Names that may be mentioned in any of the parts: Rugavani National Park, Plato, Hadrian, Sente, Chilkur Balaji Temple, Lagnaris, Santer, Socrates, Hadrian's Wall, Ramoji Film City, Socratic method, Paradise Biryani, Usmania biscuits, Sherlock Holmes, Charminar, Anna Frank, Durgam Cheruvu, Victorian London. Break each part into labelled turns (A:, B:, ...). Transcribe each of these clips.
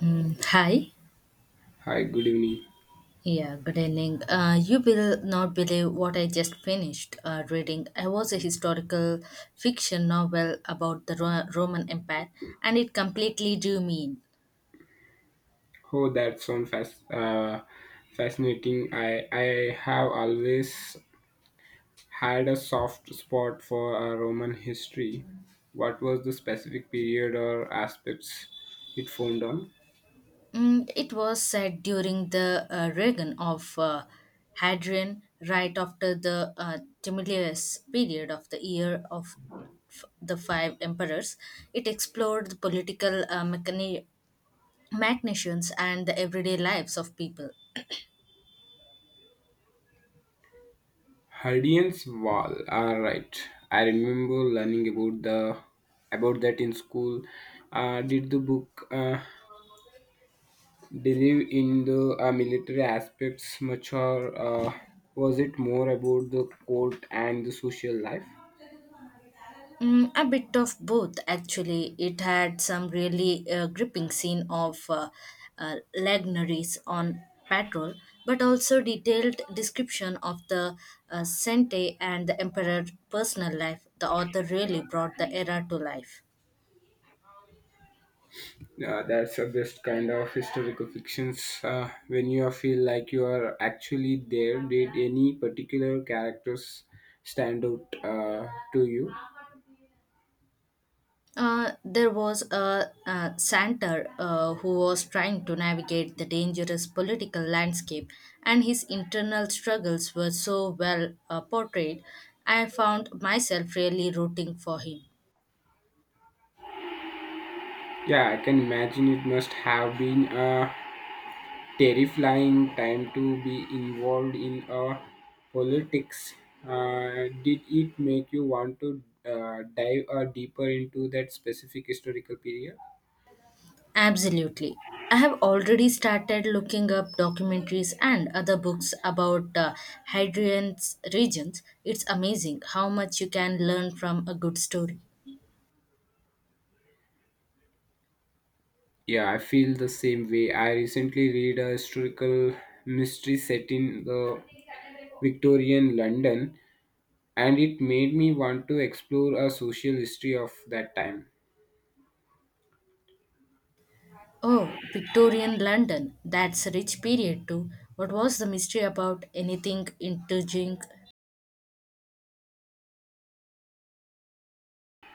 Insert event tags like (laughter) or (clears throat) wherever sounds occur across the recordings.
A: Hi.
B: Hi, good evening.
A: Yeah, good evening. You will not believe what I just finished reading. I was a historical fiction novel about the Roman Empire, and it completely drew me in.
B: Oh, that sounds fascinating. I have always had a soft spot for Roman history. What was the specific period or aspects it formed on?
A: It was set during the reign of Hadrian, right after the tumultuous period of the year of the five emperors. It explored the political machinations and the everyday lives of people.
B: Hadrian's Wall. All right. I remember learning about the about that in school. Did the book? Believe in the military aspects much, or was it more about the court and the social life?
A: A bit of both, actually. It had some really gripping scene of Lagnaris on patrol, but also detailed description of the Sente and the Emperor personal life. The author really brought the era to life.
B: Yeah, that's the best kind of historical fictions. When you feel like you are actually there, did any particular characters stand out to you?
A: There was a, Santer who was trying to navigate the dangerous political landscape, and his internal struggles were so well portrayed. I found myself really rooting for him.
B: Yeah, I can imagine it must have been. Terrifying time to be involved in politics. Did it make you want to dive deeper into that specific historical period?
A: Absolutely. I have already started looking up documentaries and other books about Hadrian's regions. It's amazing how much you can learn from a good story.
B: Yeah, I feel the same way. I recently read a historical mystery set in the Victorian London, and it made me want to explore a social history of that time.
A: Oh, Victorian London. That's a rich period too. What was the mystery about anything intriguing?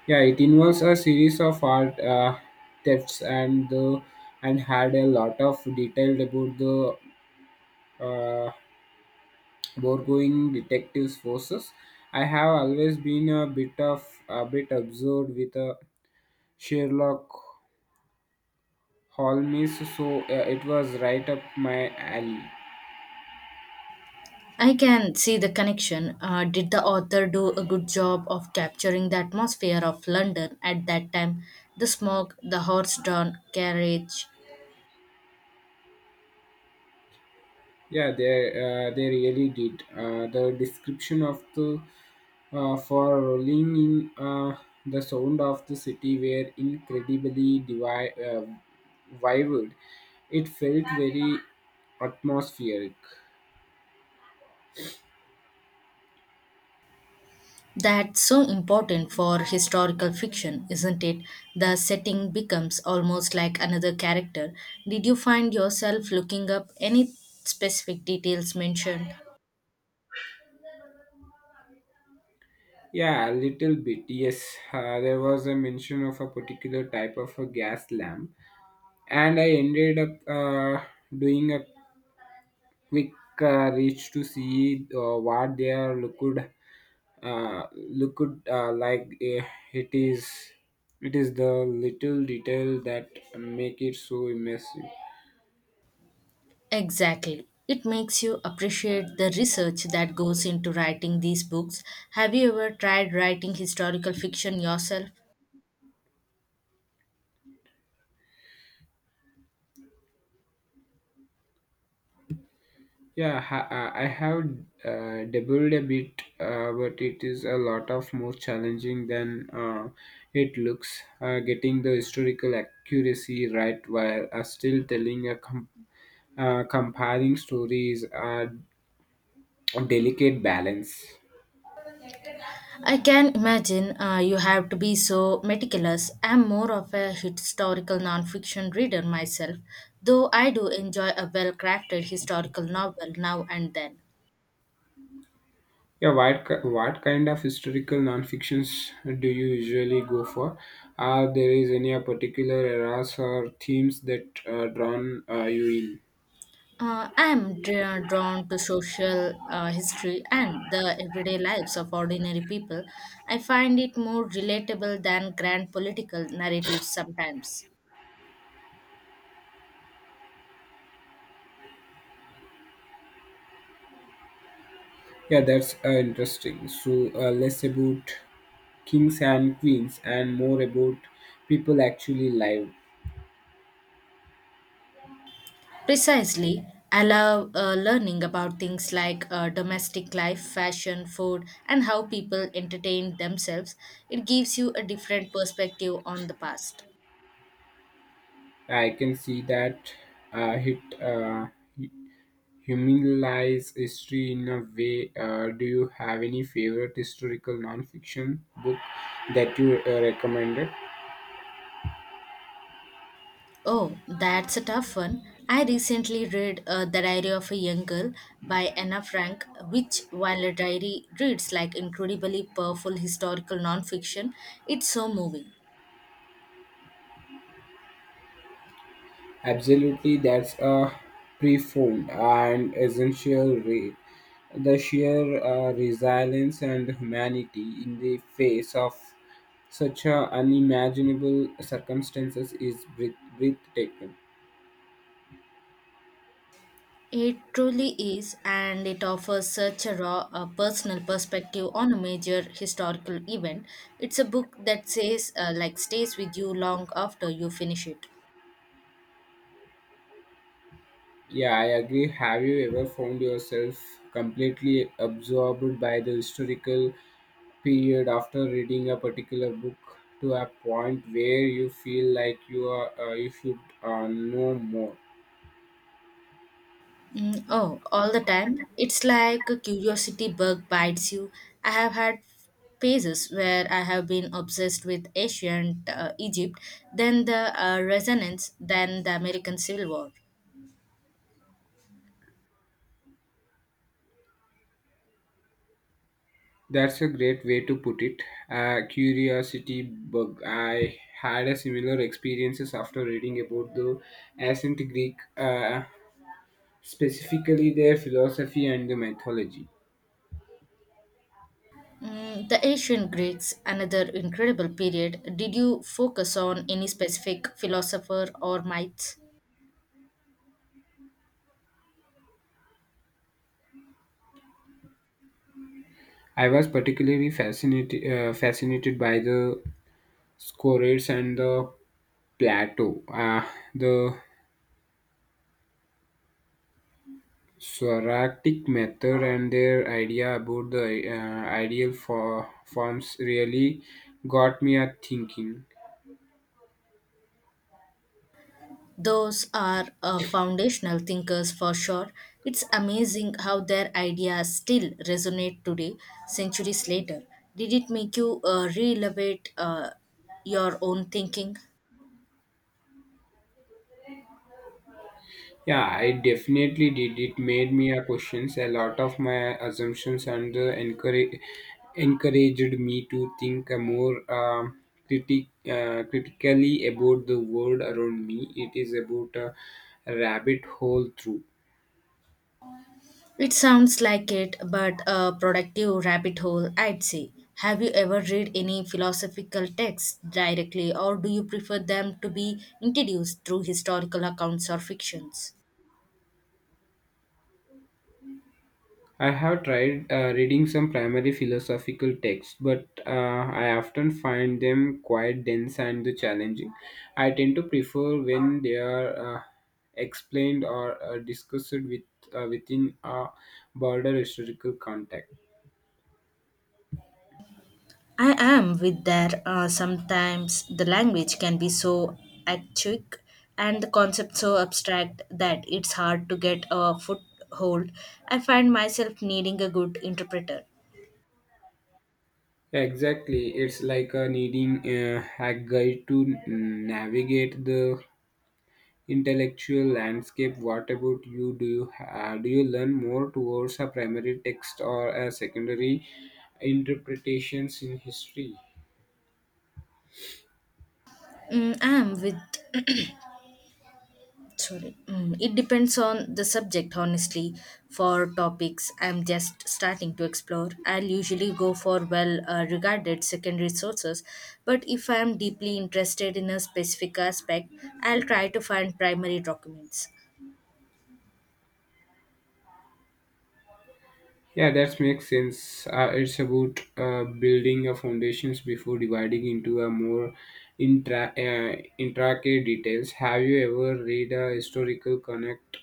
B: Yeah, it involves a series of art thefts and the and had a lot of detail about the uh, Borgoing detectives forces. I have always been a bit of a bit absorbed with a Sherlock Holmes, so it was right up my alley.
A: I can see the connection. Did the author do a good job of capturing the atmosphere of London at that time? The smoke, the horse-drawn carriage.
B: Yeah, they really did. The description of the for rolling in the sound of the city were incredibly vivid. It felt very atmospheric.
A: That's so important for historical fiction, isn't it? The setting becomes almost like another character. Did you find yourself looking up any specific details mentioned?
B: Yeah, a little bit. Yes, there was a mention of a particular type of a gas lamp, and I ended up doing a quick reach to see what their liquid liquid it is it is the little detail that make it so immersive.
A: Exactly. It makes you appreciate the research that goes into writing these books. Have you ever tried writing historical fiction yourself?
B: Yeah, I have dabbled a bit, but it is a lot of more challenging than it looks. Getting the historical accuracy right while still telling a comparing stories, a delicate balance.
A: I can imagine you have to be so meticulous. I'm more of a historical nonfiction reader myself, though I do enjoy a well crafted historical novel now and then.
B: Yeah, what kind of historical non-fictions do you usually go for? Are there is any particular eras or themes that drawn you in?
A: I'm dra- drawn to social history and the everyday lives of ordinary people. I find it more relatable than grand political narratives sometimes.
B: Yeah, that's interesting. So less about kings and queens and more about people actually live.
A: Precisely, I love learning about things like domestic life, fashion, food, and how people entertain themselves. It gives you a different perspective on the past.
B: I can see that, it humanize history in a way. Do you have any favorite historical non-fiction book that you recommended?
A: Oh, that's a tough one. I recently read The Diary of a Young Girl by Anna Frank, which, while a diary reads like incredibly powerful historical nonfiction, it's so moving.
B: Absolutely, that's a profound and essential rate. The sheer resilience and humanity in the face of such unimaginable circumstances is breathtaking.
A: It truly is, and it offers such a raw, personal perspective on a major historical event. It's a book that says, stays with you long after you finish it.
B: Yeah, I agree. Have you ever found yourself completely absorbed by the historical period after reading a particular book to a point where you feel like you are you should know more?
A: Oh, all the time. It's like a curiosity bug bites you. I have had phases where I have been obsessed with ancient Egypt, then the Renaissance, then the American Civil War.
B: That's a great way to put it. A curiosity bug. I had a similar experiences after reading about the ancient Greek, specifically their philosophy and the mythology.
A: The ancient Greeks, another incredible period. Did you focus on any specific philosopher or myths?
B: I was particularly fascinated by the Scorates and the Plato, the Socratic method, and their idea about the ideal for forms really got me a thinking.
A: Those are foundational thinkers for sure. It's amazing how their ideas still resonate today, centuries later. Did it make you re-elevate your own thinking?
B: Yeah, I definitely did. It made me a questions a lot of my assumptions and encouraged me to think more critically about the world around me. It is about a rabbit hole through.
A: It sounds like it, but a productive rabbit hole, I'd say. Have you ever read any philosophical texts directly, or do you prefer them to be introduced through historical accounts or fictions?
B: I have tried reading some primary philosophical texts, but I often find them quite dense and challenging. I tend to prefer when they are explained or discussed with within a broader historical context.
A: I am with that. Sometimes the language can be so archaic and the concept so abstract that it's hard to get a foothold. I find myself needing a good interpreter.
B: Exactly, it's like needing a guide to navigate the intellectual landscape. What about you? Do you learn more towards a primary text or a secondary interpretations in history?
A: I am with. (clears throat) Sorry. It depends on the subject, honestly. For topics I'm just starting to explore, I'll usually go for well regarded secondary sources, but if I'm deeply interested in a specific aspect, I'll try to find primary documents.
B: Yeah, that makes sense. It's about building a foundations before dividing into a more intricate details. Have you ever read a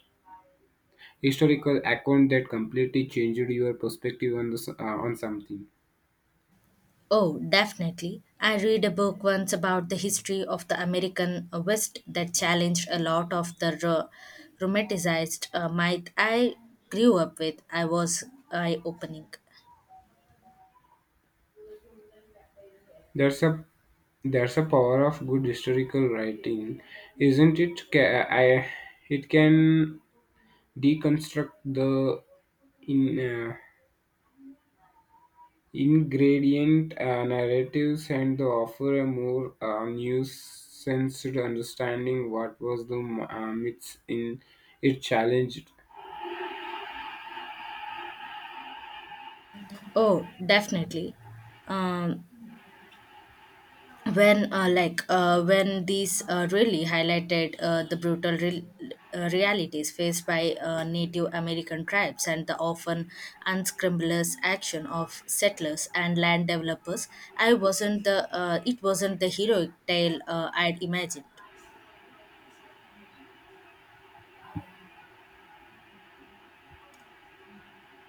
B: historical account that completely changed your perspective on on something?
A: Oh, definitely. I read a book once about the history of the American West that challenged a lot of the romanticized myth I grew up with. I was eye opening.
B: That's a that's a power of good historical writing, isn't it? It can deconstruct the in ingredient narratives and the offer a more nuanced understanding. What was the myths in it challenged?
A: Oh, definitely. Um, when these really highlighted the brutal realities faced by Native American tribes and the often unscrupulous action of settlers and land developers, I wasn't the it wasn't the heroic tale I'd imagined.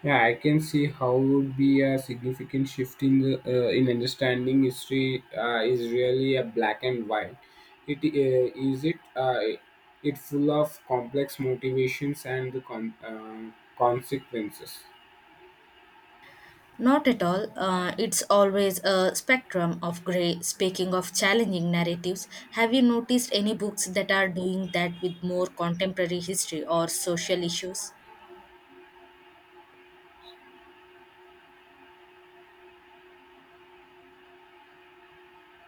B: Yeah, I can see how would be a significant shift in the, in understanding history is really a black and white. It it full of complex motivations and the consequences.
A: Not at all. It's always a spectrum of gray. Speaking of challenging narratives, have you noticed any books that are doing that with more contemporary history or social issues?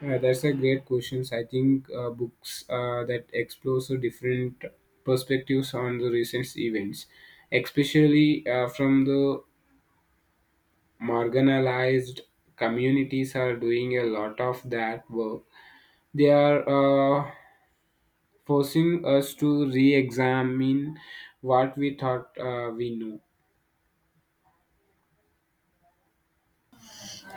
B: Yeah, that's a great question. I think books that explore so different perspectives on the recent events, especially from the marginalized communities, are doing a lot of that work. They are forcing us to re examine what we thought we knew.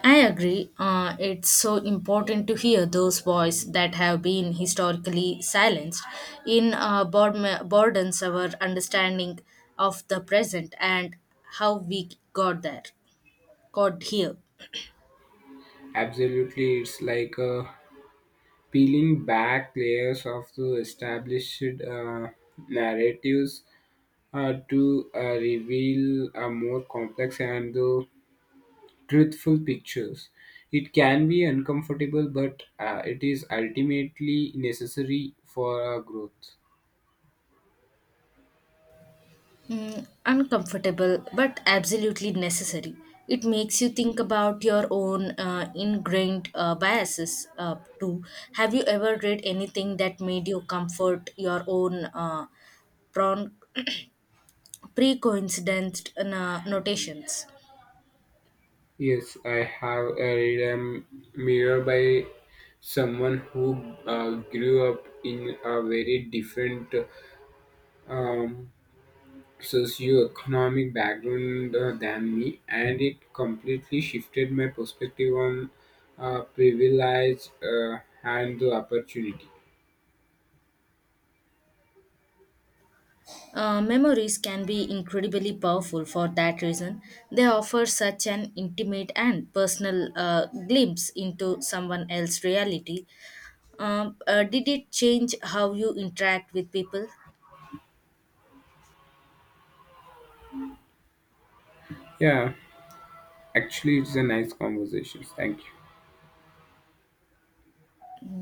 A: I agree. It's so important to hear those voices that have been historically silenced. In boredom, our understanding of the present and how we got there, got here.
B: Absolutely, it's like peeling back layers of the established narratives to reveal a more complex and the truthful pictures. It can be uncomfortable, but it is ultimately necessary for our growth.
A: Uncomfortable, but absolutely necessary. It makes you think about your own ingrained biases too. Have you ever read anything that made you comfort your own pre coincidence notations?
B: Yes, I have a read a mirror by someone who grew up in a very different um, socioeconomic background than me, and it completely shifted my perspective on privilege and the opportunity.
A: Memories can be incredibly powerful for that reason. They offer such an intimate and personal glimpse into someone else's reality. Did it change how you interact with people?
B: Yeah, actually, it's a nice conversation. Thank you.